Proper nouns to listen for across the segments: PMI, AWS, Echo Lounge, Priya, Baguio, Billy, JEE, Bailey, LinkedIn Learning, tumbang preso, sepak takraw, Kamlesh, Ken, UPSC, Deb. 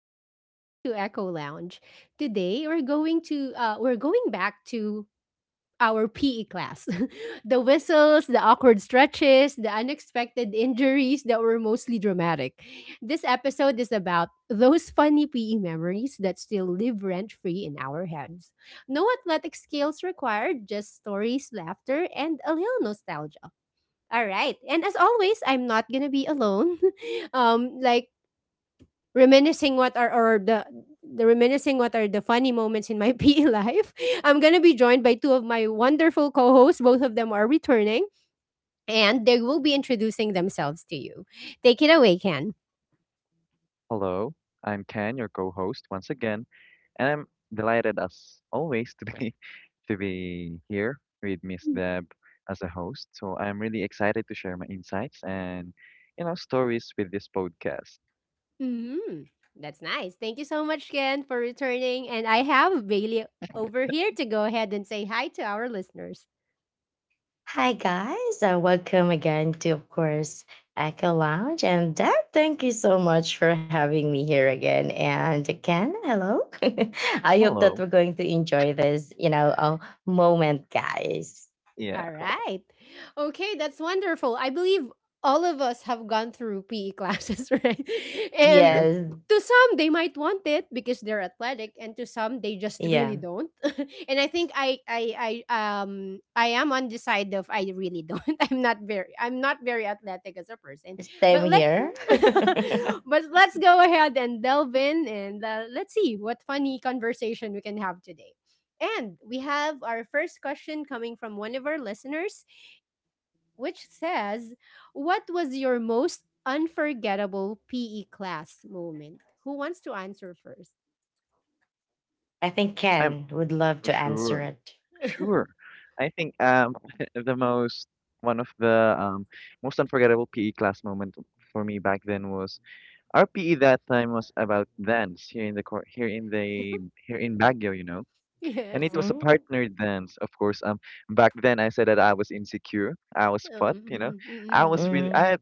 Welcome back to Echo Lounge. Today we're going back to our PE class. The whistles, the awkward stretches, the unexpected injuries that were mostly dramatic. This episode is about those funny PE memories that still live rent-free in our heads. No athletic skills required, just stories, laughter, and a little nostalgia. All right. And as always, I'm not going to be alone. um like Reminiscing what are or the reminiscing what are the funny moments in my PE life. I'm going to be joined by two of my wonderful co-hosts. Both of them are returning and they will be introducing themselves to you. Take it away, Ken. Hello, I'm Ken, your co-host once again, and I'm delighted as always to be to be here with Miss Deb as a host. So I'm really excited to share my insights and stories with this podcast. Hmm. That's nice. Thank you so much, Ken, for returning. And I have Bailey over here to go ahead and say hi to our listeners. Hi guys, welcome again to, of course, Echo Lounge and Deb. Thank you so much for having me here again. And Ken, hello. I hope that Hello. we're going to enjoy this, moment, guys. Yeah, All right. Okay, that's wonderful. I believe all of us have gone through PE classes, right? And true. Yes, to some, they might want it because they're athletic, and to some, they just really yeah, don't. And I think I am on the side of I really don't. I'm not very athletic as a person. same But let's, here. but let's go ahead and delve in, and let's see what funny conversation we can have today. And we have our first question coming from one of our listeners, which says, what was your most unforgettable PE class moment? Who wants to answer first? I think I'm Ken would love to answer sure. it. Sure. I think the most one of the most unforgettable PE class moment for me back then was RPE that time was about dance here in the cor- here in the here in Baguio, And Yes. it was a Mm-hmm. partner dance, of course. Back then I said that I was insecure, I was fat. Um, mm, mm, I was mm. really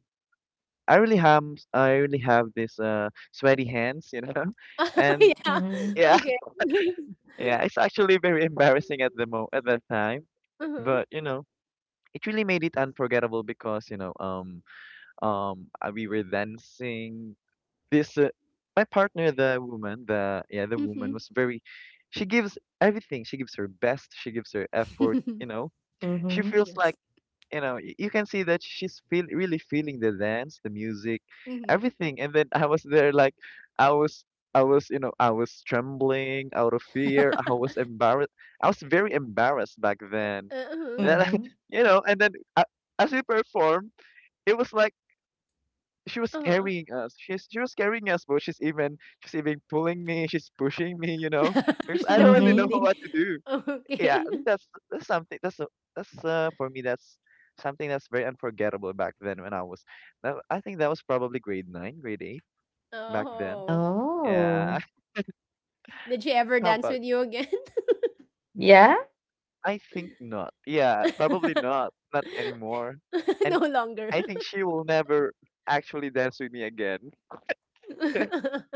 I really have I really have this sweaty hands. Oh, And yeah. Mm-hmm. yeah, Okay. yeah, it's actually very embarrassing at the mo at that time, Uh-huh. but it really made it unforgettable, because we were dancing. This uh, my partner the woman the yeah the woman Mm-hmm. was very, she gives everything, she gives her best, she gives her effort. She Mm-hmm. feels like, Yes. You can see that she's feel really feeling the dance, the music, Mm-hmm. everything. And then I was there like I was I was you know I was trembling out of fear. I was very embarrassed back then. And Uh-huh. Mm-hmm. then, Mm-hmm. you know and then uh, as we performed, it was like she was Uh-huh. carrying us. She was carrying us, but she's even pulling me. She's pushing me, She's because I the don't one really know Mm-hmm. leading. what to do. Yeah, Okay. I think that's something that's a- that's for me that's something that's very unforgettable back then when I was. I think that was probably grade 9, grade 8 back then. Oh. Oh, Yeah, Did she ever how dance about? with you again? yeah. I think not. Yeah, probably not. Not anymore. No And longer. I think she will never actually dance with me again.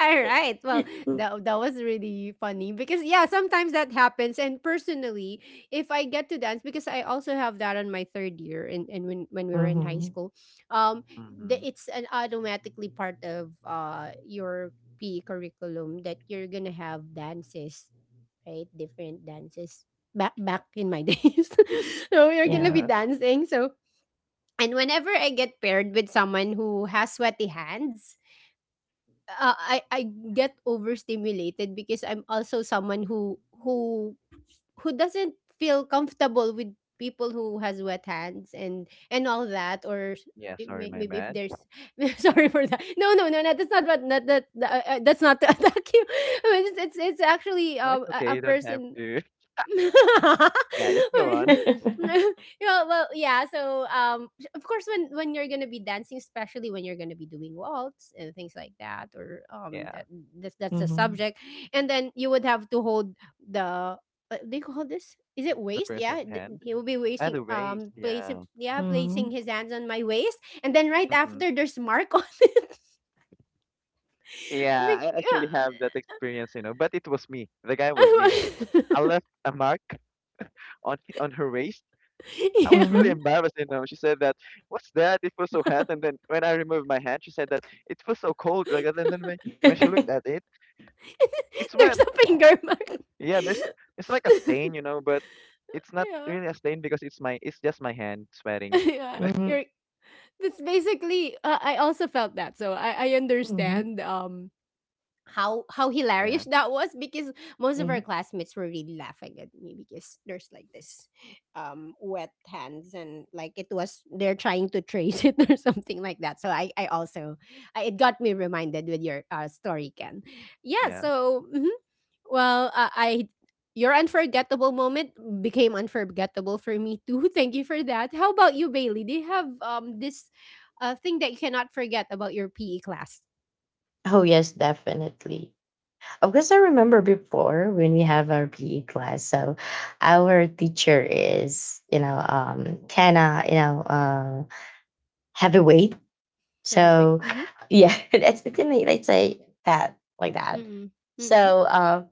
All right. Well, that was really funny because yeah, sometimes that happens. And personally, if I get to dance, because I also have that on my third year and when we were in high Mm-hmm. school, hmm it's an automatically part of your PE curriculum that you're gonna have dances, right? Different dances. Back in my days, so we are gonna Yeah. be Yeah. dancing. So and whenever I get paired with someone who has sweaty hands, I get overstimulated because I'm also someone who who doesn't feel comfortable with people who has wet hands and all that or Yeah. it Sorry, may, my maybe if bad. there's sorry for that. No no no no, that's not what that's not to attack you. It's it's actually No, it's okay. a You don't have person. to. Yeah, just go on. Yeah, well, yeah. So, of course, when you're gonna be dancing, especially when you're gonna be doing waltz and things like that, or Yeah, that's that's the Mhm. subject, and then you would have to hold the. Do you call this? Is it the waist? person's Yeah, hand he will be and wasting. the waist. Placing Yeah. yeah, placing Mhm. his hands on my waist, and then right hmm after there's mark on. Yeah, Big- I yeah. actually have that experience. But it was me. The guy was me. I left a mark on her waist. I Yeah. was really Mhm. embarrassed. She said that, "What's that? It was so hot." And then when I removed my hand, she said that it was so cold. Like, that. And then when she looked at it, it's wet. There's a finger mark. Yeah, there's it's like a stain. But it's not Yeah. really a stain, because it's just my hand sweating, Yeah. you know. Mhm. That's basically I also felt that. So I Mhm. understand how Yeah, hilarious that was because most of our Mhm. classmates were really laughing at me because there's like this wet hands and like it was they're trying to trace it or something like that, so i also it got me reminded with your story, Ken. Yeah, yeah. so mhm. Well I your unforgettable moment became unforgettable for me too. Thank you for that. How about you, Bailey, do you have this thing that you cannot forget about your PE class? Oh yes, definitely. Of course, I remember before when we have our PE class. So, our teacher is, kind of, heavyweight. Have you? So, yeah, that's, let's say, fat like that. Mm, mm, So, uh,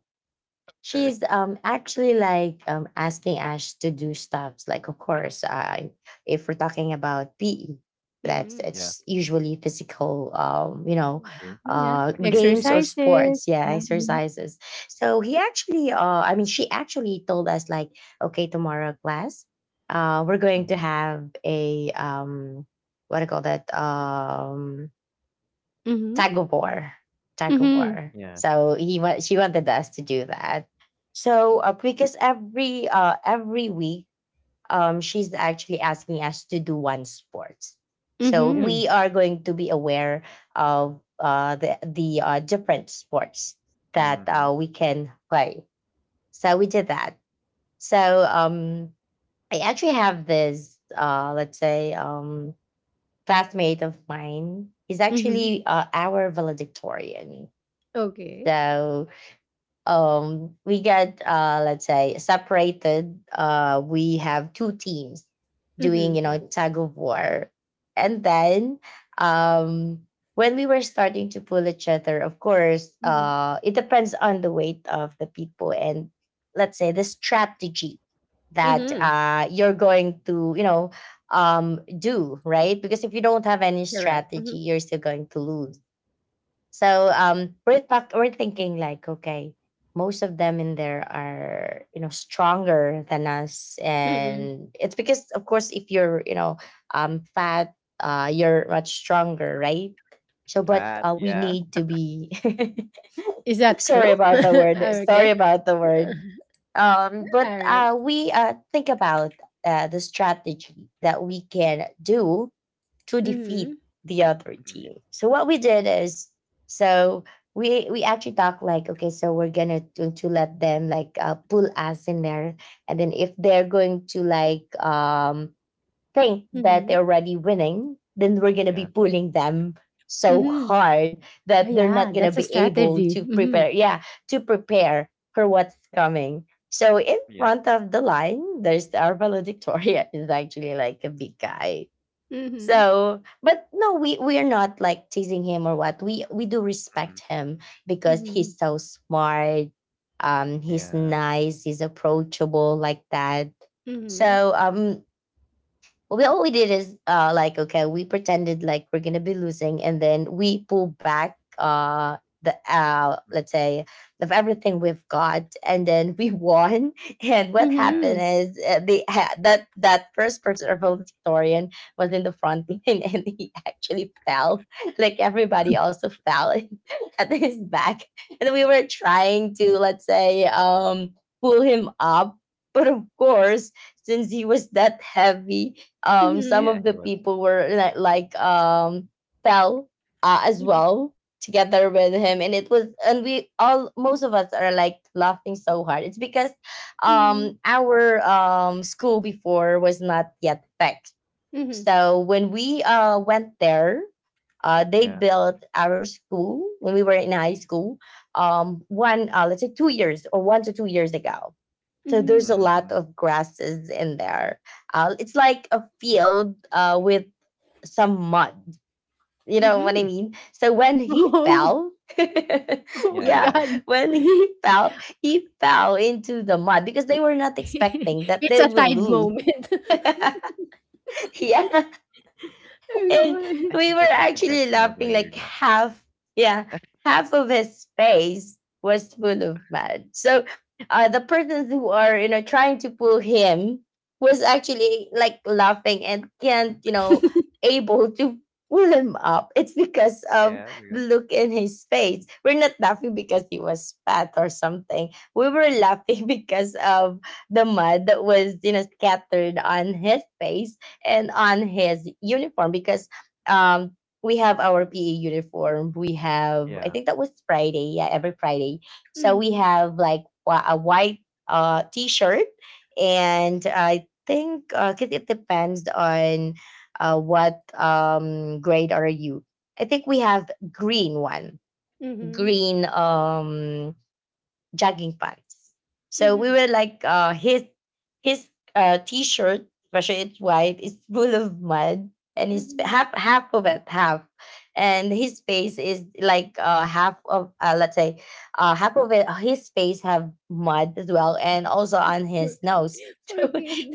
Okay. she's actually like asking Ash to do stuffs. Like, of course, I, if we're talking about PE, that's, mm. Yeah. it's usually physical, you know, True. Mhm, yeah, games Activity. or exercises, sports, yeah, yeah, mhm. exercises. So he actually, I mean, she actually told us like, okay, tomorrow class, we're going to Mm-hmm. have a what do you call that? Mhm, Tug of war, tug of mhm, war. Yeah. So he wa- she wanted us to do that. So because every week, she's actually asking us to do one sport. So Yeah. mhm, we are going to be aware of the different sports that Mm-hmm. We can play. So we did that. So I actually have this, let's say, classmate of mine. He's mhm. actually our valedictorian. Okay. So we get, let's say, separated. We have two teams doing, you Mhm, Yeah. know, tug of war. And then, um, when we were starting to pull each other, of course, mhm, it depends on the weight of the people and, let's say, the strategy that mhm, you're going to, you know, do, right? Because if you don't have any correct, strategy, mhm, you're still going to lose. So we're thinking like, okay, most of them in there are, you know, stronger than us, mm. and it's because, of course, if you're, you know, fat, you're much stronger, right? So, but But we yeah. need to be Is that sorry true? about Yeah. the word. Sorry Okay. about the word. But Alright. We think about the strategy that we can do to defeat Mhm, the other Mhm. Yeah. team. So what we did is, so we actually talked like, okay, so we're gonna to let them like pull us in there, and then if they're going to like think that they're mhm, already winning, then we're gonna be Yeah. pulling them so mhm. hard Oh that they're not yeah, gonna that's a be able strategy. to Mhm, prepare, yeah, to prepare for what's coming. So in Yeah. front of the line, there's, our valedictorian is, actually like a big guy. mhm, So, but no, we are not like teasing him or what. We do Mm-hmm. respect him because mhm, he's so smart. He's Yeah. nice. He's approachable like that. mhm, So well, we, all we did is, like, okay, we pretended like we're gonna be losing, and then we pull back the Mm. let's say, of everything we've got, and then we won. And what Yeah. happened mhm, is, they had that, that first person or valedictorian was in the front line, and he actually fell. Like everybody also fell at his back, and we were trying to, let's say, pull him up, but of course, since he was that heavy, some mhm, Yeah. of the He was. people were like fell as well together with him, and it was, and we all, most of us are like laughing so hard. It's because mhm, mhm, our school before was not yet fixed, so when we went there, they Yeah. built our school when we were in high school, one uh, let's say, 2 years or 1 to 2 years ago. So there's a mhm, lot Mm-hmm. of grasses in there. It's like a field with some mud. You know what I mhm. mean? So when he Oh, fell, oh Yeah. my Yeah. yeah, Yeah. God. when he fell into the mud because they were not expecting that It's a they will tide lose. moment. yeah. Ay, And naman. I we think were that was actually intentional by laughing you like, guys. half, yeah, half of his face was full of mud. So the persons who are, you know, trying to pull him was actually like laughing and can't, you know, able to pull him up. It's because of Yeah. the Because look in his face. We're not laughing because he was fat or something. We were laughing because of the mud that was, you know, scattered on his face and on his uniform, because um we have our PE uniform. We have, I yeah, think that was Friday, yeah, every Friday. So we Mhm, have like a white t-shirt, and I think, 'cause it depends on what grade are you. I think we have green one, mhm, green jogging pants. So we mhm, were like, his, his t-shirt, especially it's white, it's full of mud, and it's mhm. half, half of it half, and his face is like, half of, let's say, half of it, his face have mud as well, and also on Poor his nose. ki poor So kid.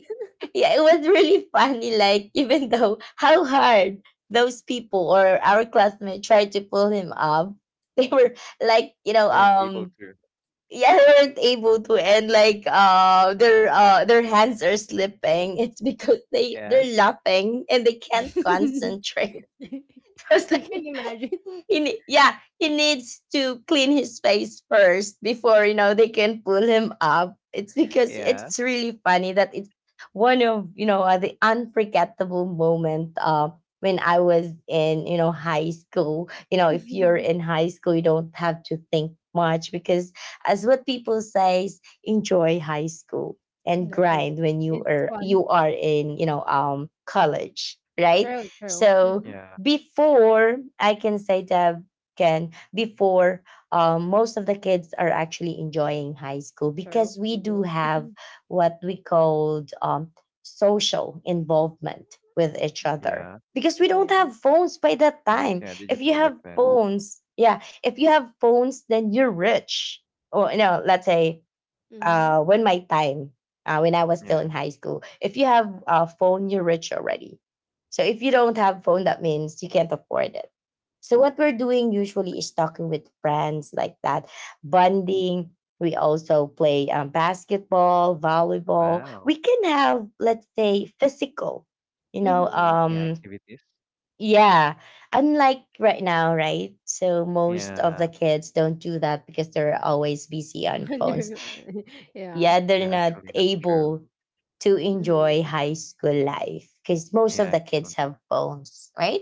yeah, it was really funny. Like, even though how hard those people or our classmates tried to pull him up, they were like, you know, they weren't able to. yeah, they weren't able to, and like, their hands are slipping. It's because they, Yeah. they're laughing and they can't concentrate. Because I can imagine. he yeah, he needs to clean his face first before, you know, they can pull him up. It's because Yeah. it's really funny, that it's one of, you know, the unforgettable moment, when I was in, you know, high school. You know, if you're in high school, you don't have to think much because, as what people says, enjoy high school and Definitely. grind when you It's are fun. you are in, you know, college, right? True, true. So Mhm, Yeah. before I can say, Deb can, before, most of the kids are actually enjoying high school true. because we We do do. have Mhm. what we called social involvement with each other, Yeah. because we don't Yeah. have phones by that Phones. time. Yeah. If you Digital back have then. phones, yeah, if you have phones, then you're rich. Or, you know, let's say, Mhm, when my time, when I was still Yeah. in high school, if you have a phone, you're rich already. So if you don't have phone, that means you can't afford it. So what we're doing usually is talking with friends like that, bonding. We also play basketball, volleyball. Wow. We can have, let's say, physical, you know, mhm. Yeah. Activities. yeah. Unlike right now, right? So most of Yeah. the kids don't do that because they're always busy on phones. Wonder. Yeah. Yeah, they're Yeah. not Actually, that's true. able to enjoy Mhm. high school life because most Yeah. of the kids Actually. have phones, right?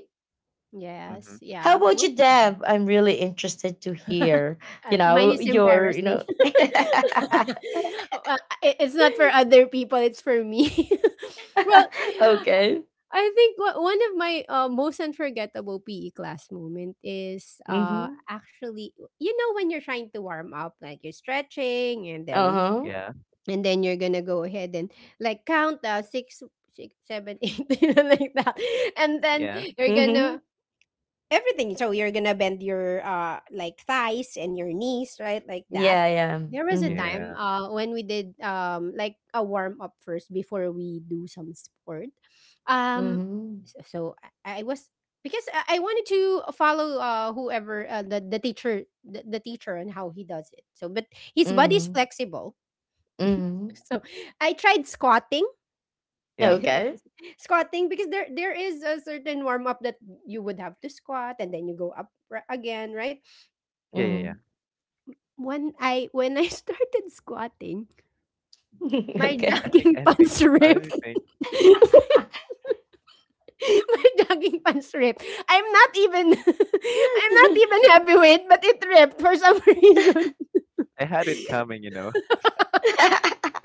Mm-hmm. Yes, How yeah. about Well, you, Deb? I'm really interested to hear, you uh, mine know, is your, you embarrassing. know, okay, Uh, it's not for other people, it's for me. Well, I think one of my most unforgettable PE class moment is mm-hmm. actually, you know, when you're trying to warm up, like you're stretching, Uh huh, Yeah. and then you're going to go ahead and like count six, seven, eight, like that. And then Yeah. you're going mm-hmm. to everything. So you're gonna bend your like thighs and your knees, right? Like that. Yeah, yeah, There was a mm-hmm. time Yeah. When we did like a warm up first before we do some sport. Um, Mm-hmm. so, so I was because I wanted to follow whoever the teacher and how he does it. So but his body's Mm-hmm. flexible. Mm-hmm. So I tried squatting. Yeah. Like, Okay, squatting because there is a certain warm up that you would have to squat and then you go up again, right? Yeah, yeah, yeah. mm-hmm. When I started squatting, my okay. Jogging I think pants honestly ripped. think My jogging pants ripped. I'm not even I'm not even heavyweight, but it ripped for some reason. I had it coming.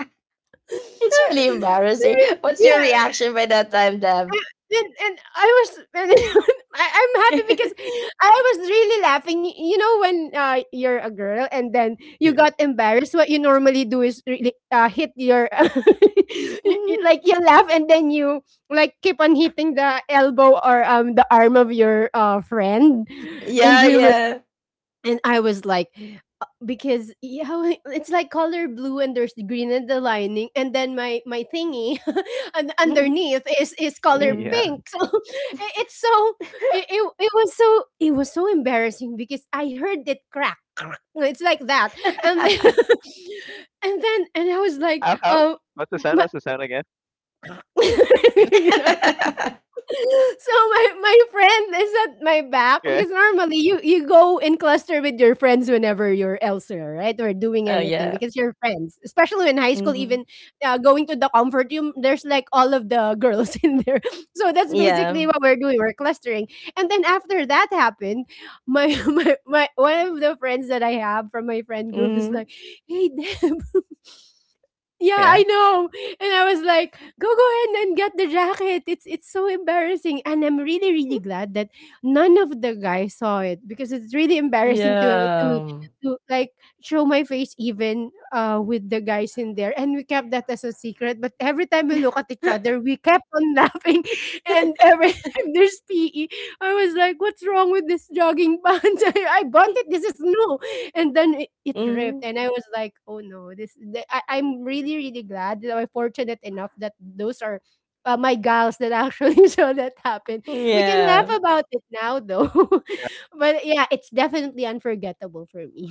It's really embarrassing. What's your Yeah, reaction by that time, Deb? And I was and I'm happy because I was really laughing. You know when you're a girl and then you Yeah. got embarrassed, what you normally do is really hit your Mhm. like you laugh and then you like keep on hitting the elbow or the arm of your friend. And Yeah, we were yeah. and I was like, because yeah it's like color blue and there's the green in the lining and then my thingy and Mhm. underneath is color Yeah. Mhm. pink. So it, it's so it was so it was so embarrassing because I heard it crack crack, it's like that, and then and then and I was like How? What's the sound? my, What's the sound again? so my friend is at my back Yeah. because normally you you go in cluster with your friends whenever you're elsewhere, right? Or doing oh anything yeah. because you're friends, especially in high school. Even Hmm. Going to the comfort room, there's like all of the girls in there. So that's Yeah. basically what we're doing. We're clustering, and then after that happened, my my one of the friends that I have from my friend group is Hmm. like, "Hey, Deb." Yeah, Yeah. I know. And I was like, go ahead and get the jacket. It's so embarrassing. And I'm really, really glad that none of the guys saw it because it's really embarrassing to Yeah. to like show my face even with the guys in there. And we kept that as a secret. But every time we look at each other, we kept on laughing. And every time there's PE, I was like, what's wrong with this jogging pants? I bought it. This is new. And then it ripped, hmm. and I was like, "Oh no, this." I'm really, really glad that I'm fortunate enough that those are my gals that actually saw that happen. We can laugh Yeah. about it now, though. Yeah. But yeah, it's definitely unforgettable for me.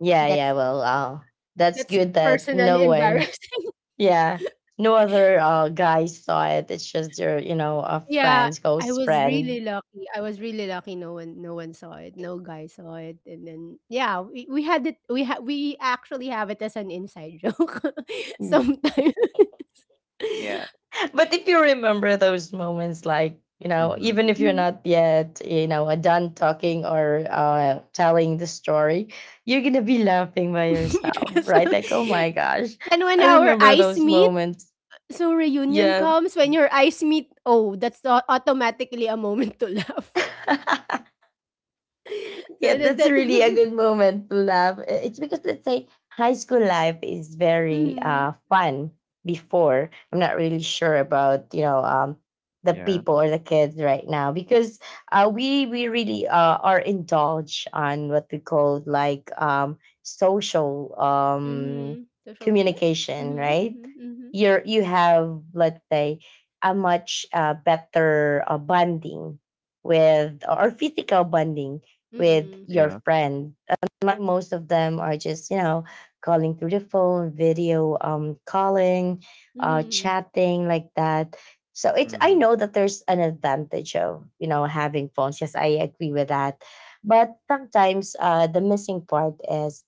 Yeah, yeah. That's Well, that's that's good that personally no one, embarrassed. yeah, no other guy saw it. It's just your, you know, a Yeah, friend's I ghost was friend. really lucky. I was really lucky. No one, no one saw it. No guy saw it. And then, yeah, we had it. We actually have it as an inside joke sometimes. Yeah. But if you remember those moments, like, you know, Mhm. even if you're not yet, you know, done talking or, telling the story, you're gonna be laughing by yourself, Yes. right? Like, oh my gosh, And when I our remember eyes those meet, moments. so reunion Yeah. comes. When your eyes meet, oh, that's automatically a moment to laugh. So Yeah, that's that. really a good moment to laugh. It's because, let's say, high school life is very Mm-hmm, fun before. I'm not really sure about, you know, the Yeah. people or the kids right now, because we really are indulged on what we call like social mm-hmm. Social media. communication, Mm-hmm, right? mm-hmm, mm-hmm, You're, you have, let's say, a much better bonding with, or physical bonding with mm-hmm, your Yeah. friend. Like most of them are just, you know, calling through the phone, video calling, mm-hmm, chatting like that. So it's, I Mhm. know that there's an advantage of, you know, having phones. Yes, I agree with that. But sometimes the missing part is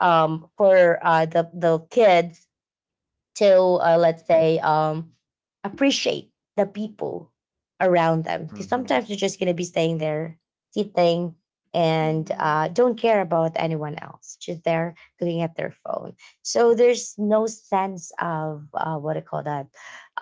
for the kid to let's say appreciate the people around them, because Mhm. sometimes they are just going to be staying there sitting, and mm-hmm. Don't care about anyone else, just there looking at their phone. So there's no sense of what I call that,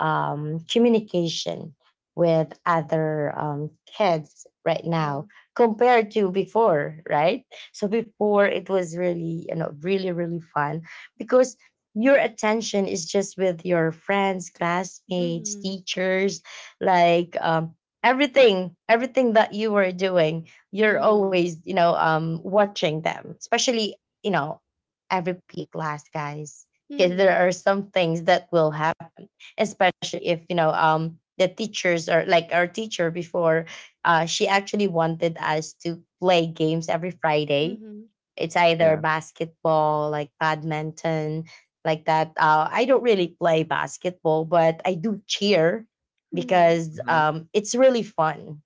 communication with other kids right now True. compared to before, right? So before, it was really, you know, really, really fun, because your attention is just with your friends, classmates, Mm-hmm, teachers, like, everything, everything that you were doing, you're mm-hmm, always, you know, watching them, especially, you know, every P class, guys, because mm-hmm, there are some things that will happen, especially if, you know, the teachers are like our teacher before, she actually wanted us to play games every Friday, mm-hmm, it's either Yeah. basketball, like badminton, like that. I don't really play basketball, but I do cheer mm-hmm, because Mhm. It's really fun.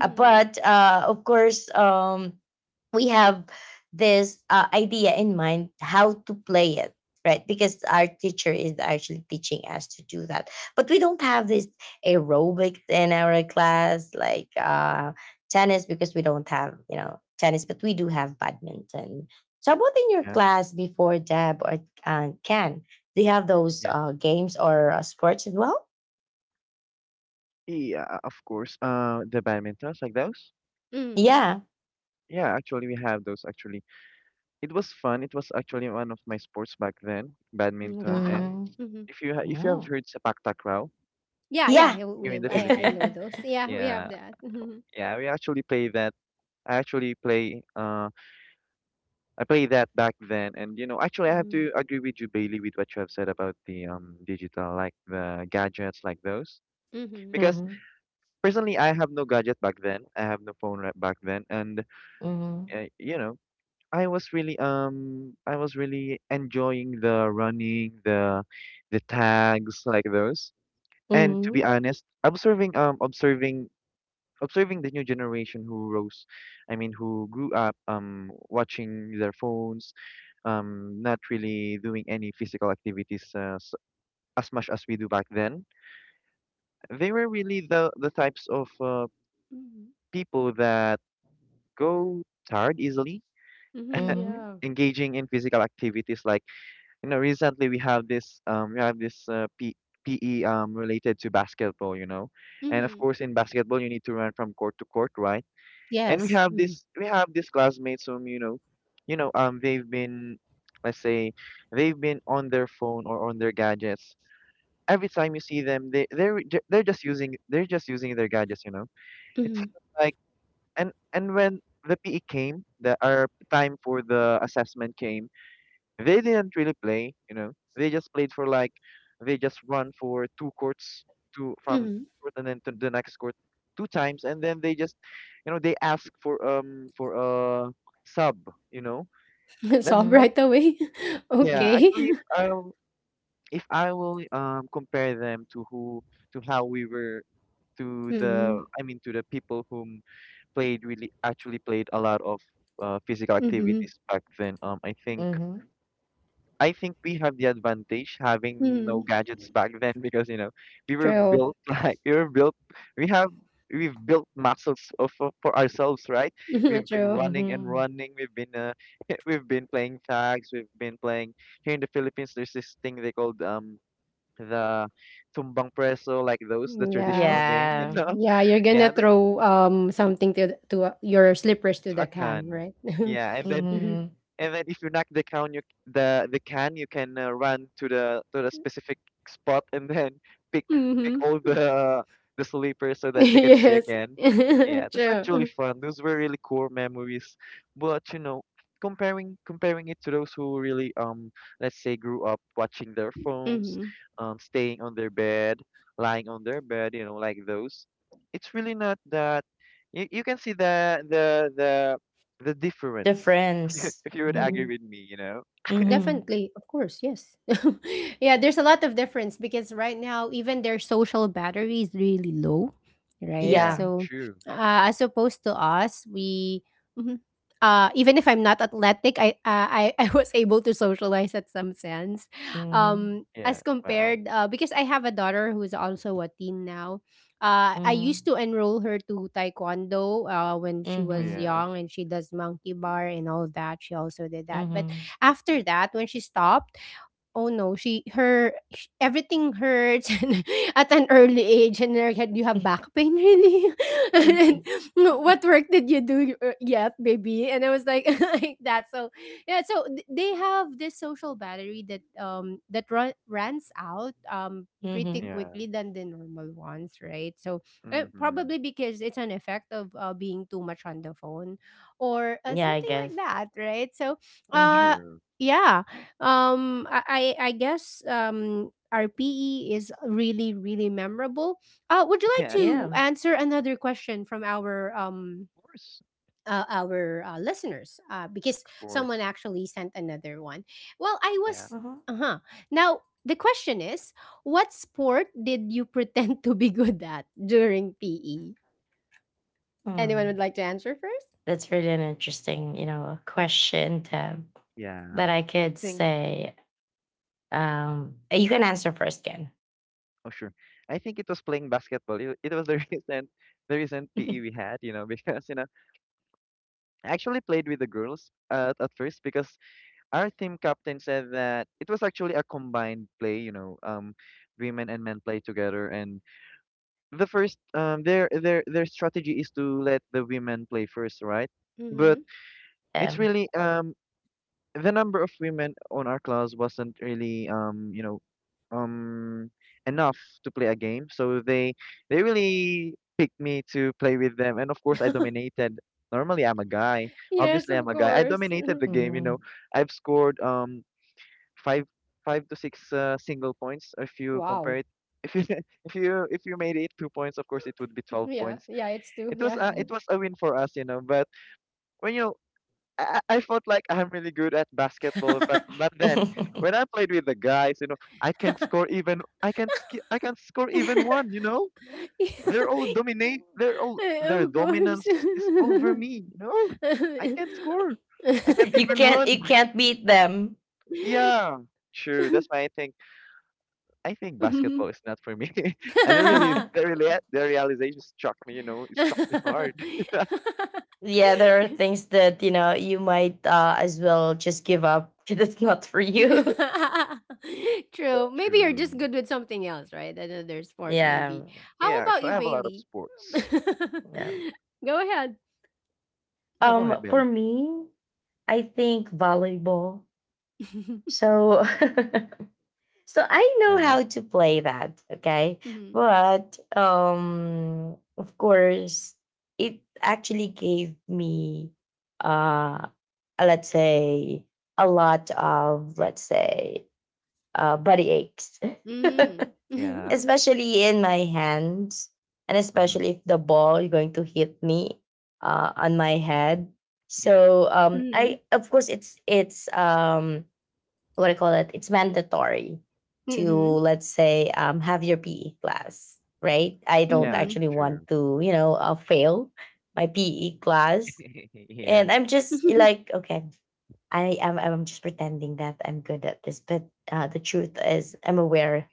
Mm-hmm. But of course, we have this idea in mind how to play it, right? Because our teacher is actually teaching us to do that, but we don't have this aerobics in our class, like tennis, because we don't have, you know, tennis, but we do have badminton. So what in your Yeah. class before, Deb, or can do you have those Yeah. Games or sports as well? Yeah, of course. The badmintons like those? Mm, Yeah. Yeah, actually we have those actually. It was fun. It was actually one of my sports back then, badminton. And wow. Mm. Mm-hmm. If you Wow. have heard sepak takraw Yeah, yeah. Yeah. Yeah, here we, in the I Philippines, know those. Yeah, we have yeah, that. yeah, we actually play that. I actually play uh I play that back then. And you know, actually, I have Mm-hmm. to agree with you, Bailey, with what you have said about the digital, like the gadgets, like those, Mm-hmm. because hmm. personally I have no gadget back then. I have no phone right back then. And Hmm. uh, you know I was really enjoying the running, the tags, like those. And to be Hmm. honest, observing the new generation who rose, I mean, who grew up, watching their phones, not really doing any physical activities as much as we do back then. They were really the types of Mm-hmm. people that go tired easily. Mhm, Mhm. yeah. Engaging in physical activities, like, recently we have this PE related to basketball, and of Mhm. course in basketball you need to run from court to court, right? And Yes. Mhm. We have these classmates whom, you know, you know um they've been let's say they've been on their phone or on their gadgets. Every time you see them they're just using their gadgets. It's Mhm. like. And when the PE came, the our time for the assessment came, they didn't really play. They just played for, like, they just run for two courts, two from Mhm. court and then to the next court, two times, and then they just, they ask for for a sub, you know. That's, Solve that's Mhm. right away. yeah. Mhm. Okay. Actually, if I will compare them to who to how we were, to Mhm. the I mean, to the people whom played really actually played a lot of physical Mhm. activities back then. I think. Mhm. We have the advantage having no Mhm. gadgets back then because we were True. built like we were built we have we've built muscles for ourselves, right? We've been True. running and Mhm. running, we've been we've been playing tags, we've been playing. Here in the Philippines, there's this thing they called the tumbang preso, like those, the Yeah. traditional games, Yeah. Yeah, you're gonna yeah, this throw something to your slippers to the can, akan. right? Yeah, and then Mhm. Mhm. If you knock the can, you the can, you can run to the specific spot and then pick pick Mhm. all the sleepers so that you can play Yes. again. Yeah, that's actually True. fun. Those were really cool memories. But, comparing it to those who really let's say grew up watching their phones, Mhm. Staying on their bed, lying on their bed, like those, it's really not that you can see the The difference friends. if you would Mhm. agree Mhm. with me, you know? Mhm. Definitely, of course, yes. Yeah, there's a lot of difference because right now even their social battery is really low, right? Yeah, Yeah. So, true. As opposed to us, we Mhm. Even if I'm not athletic, I I was able to socialize at some sense, Mhm. As Yeah, wow. compared because I have a daughter who's also a teen now. I used Mhm. to enroll her to taekwondo when she was Mhm. Yeah, young, and she does monkey bar and all that. She also did that, but Mhm. after that, when she stopped, oh no, she her sh everything hurts and at an early age and her head, "You have back pain, really? And no, what work did you do yet, baby?" And I was like like that. So yeah, so they have this social battery that runs out pretty mhm. yeah. quickly than the normal ones, right? So Mm-hmm. probably because it's an effect of being too much on the phone or Yeah, I something like guess. that, right? So Mhm. uh True. yeah I guess RPE is really really memorable. Would you like Yeah, true. to Yeah. answer another question from our Of course. Listeners? Because Of someone course. actually sent another one. Well, I Yeah. was Mhm. uh huh. Now the question is, what sport did you pretend to be good at during PE? Anyone Hmm. would like to answer 1st? That's really an interesting, you know, question, Tab. Yeah. But I I could think, say, you can answer first, Ken. oh sure. I think it was playing basketball. It was the recent the recent PE we had, because I actually played with the girls at, first, because our team captain said that it was actually a combined play, women and men play together, and their strategy is to let the women play first, right? But Mm-hmm. it's Um, really the number of women on our class wasn't really um enough to play a game, so they really picked me to play with them, and of course I dominated. Normally I'm a guy. Yes, Obviously of I'm a guy. I course. dominated the game. You know, mm, I've scored five five to six single points. If you Wow. compare it, if you if you made it 2 points, of course it would be 12 Yeah, points. yeah, it's two. It was Yeah. It was a win for us, but when you I felt like I'm really good at basketball, but then when I played with the guys, I can't score even I can't score even one, Of they're all dominate they're all their course. dominance is over me, I can't score I can't you even can't, run. you can't beat them. Yeah, true, that's why I think basketball is not for me. And it Yeah, really, the realization struck me. It struck me hard. there are things that, you know, you might as well just give up. That's not for you. True. Maybe you're just True. good with something else, right? Another sport, yeah. maybe. How Yeah, about actually, you, I have a lot of Bailey? sports. Yeah. Go ahead. No, go ahead, For Billy. me, I think volleyball. So, so I know Yeah, how to play that. Okay, Mhm. but of course, it actually gave me, uh, uh, let's say, a lot of, let's say, body aches. Mhm. yeah, especially in my hands, and hmm especially if the ball is going to hit me on my head. yeah, So Mhm. I, of course, it's what do I call it, it's mandatory to, Mhm. let's say, have your PE class, right? I don't yeah, Mhm. actually want true. to, you know, fail my PE class. yeah, And I'm just like, okay, I'm just pretending that I'm good at this, but the truth is, I'm aware,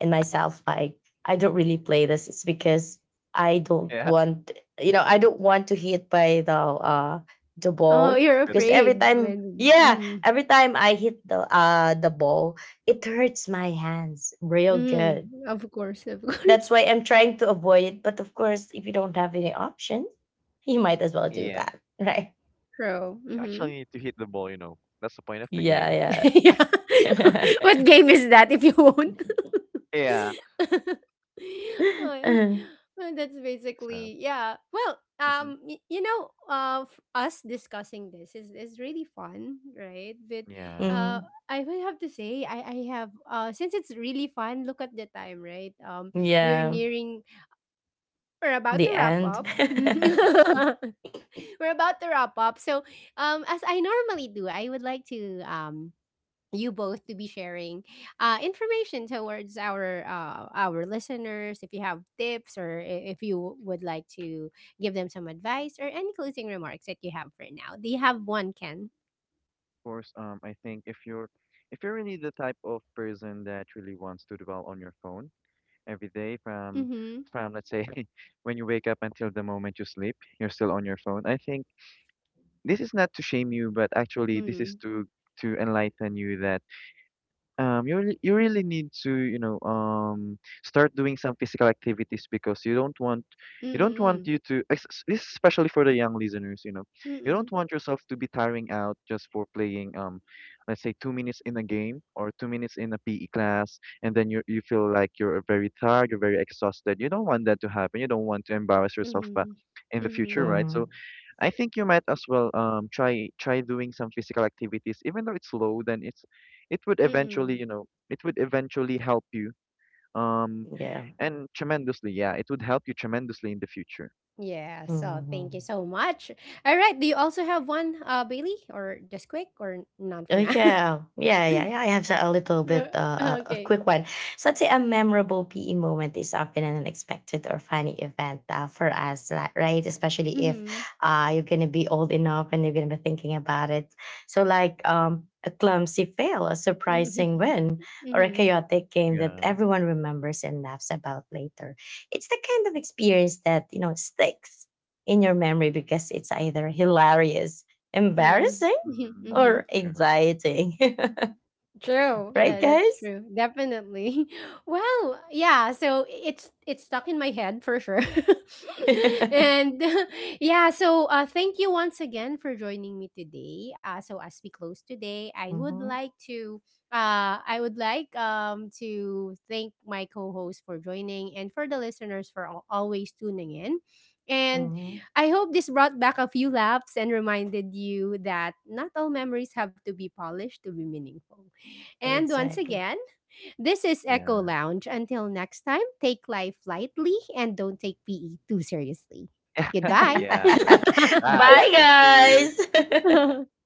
and myself, like, I don't really play this. It's because I don't yeah, want, you know, I don't want to hit by the Oh, ball, hit you're the because ball. afraid every time, when. yeah, Mhm. every time I hit the ball, it hurts my hands real Mm, good. of course, of That's course. why I'm trying to avoid it. But of course, if you don't have any options, you might as well do Yeah. that, right? True. You Mm-hmm. actually need to hit the ball. You know, that's the point of the Yeah, game. Yeah. yeah. What game is that if you won't? Yeah. Oh, yeah. Well, that's So, basically yeah. Well, hmm. You know, us discussing this is really fun, right? But Yeah, of uh, Mhm. I would have to say I have since it's really fun. Look at the time, right? We're Yeah, nearing. We're about the to wrap end. up. We're about to wrap up. So, as I normally do, I would like to you both to be sharing information towards our listeners if you have tips or if you would like to give them some advice or any closing remarks that you have for now. Do you have one, Ken? course. I think if you're really the type of person that really wants to dwell on your phone, every day Mm-hmm. from, let's say, when you wake up until the moment you sleep, you're still on your phone. I think this is not to shame you, but actually this Mm-hmm. is to enlighten you that, you really need to, start doing some physical activities, because you don't want Mm-hmm. you to es- es- this is especially for the young listeners. You Mm-hmm. don't want yourself to be tiring out just for playing, let's say, 2 minutes in a game, or 2 minutes in a PE class, and then you feel like you're very tired, you're very exhausted. You don't want that to happen. You don't want to embarrass yourself back Mm-hmm. in the future, Mm-hmm. right? So Mhm. I think you might as well, try doing some physical activities, even though it's low, then it would eventually, Mm-hmm. you know, it would eventually help you, um Yeah. and tremendously, yeah, it would help you tremendously in the future. Yeah, so thank you Mhm. so much. All right. Do you also have one, Bailey, or just quick, or none for Oh now? yeah, yeah, yeah, yeah. I have a little Yeah, bit, a okay. quick one. So I'd say a memorable PE moment is often an unexpected or funny event, for us, li- right? Especially if Mhm. You're gonna be old enough and you're gonna be thinking about it. So like a clumsy fail, a surprising Mhm. win, or a Mhm. chaotic game that Yeah. everyone remembers and laughs about later. It's the kind of experience that, you know, sticks in your memory because it's either hilarious, Mhm. embarrassing, Mhm. Mhm. Mm. or True. anxiety. True. right, Sure. That that's guys? true. Definitely. Well, yeah, so it's stuck in my head for sure. And yeah, so thank you once again for joining me today. Uh, so as we close today, I would hmm. like to I would like to thank my co-host for joining and for the listeners for always tuning in. And Hmm. I hope this brought back a few laughs and reminded you that not all memories have to be polished to be meaningful. And once Exactly. again, this is Echo Yeah. Lounge. Until next time, take life lightly and don't take PE too seriously. Goodbye. Yeah. Bye. Bye, Thank you. guys.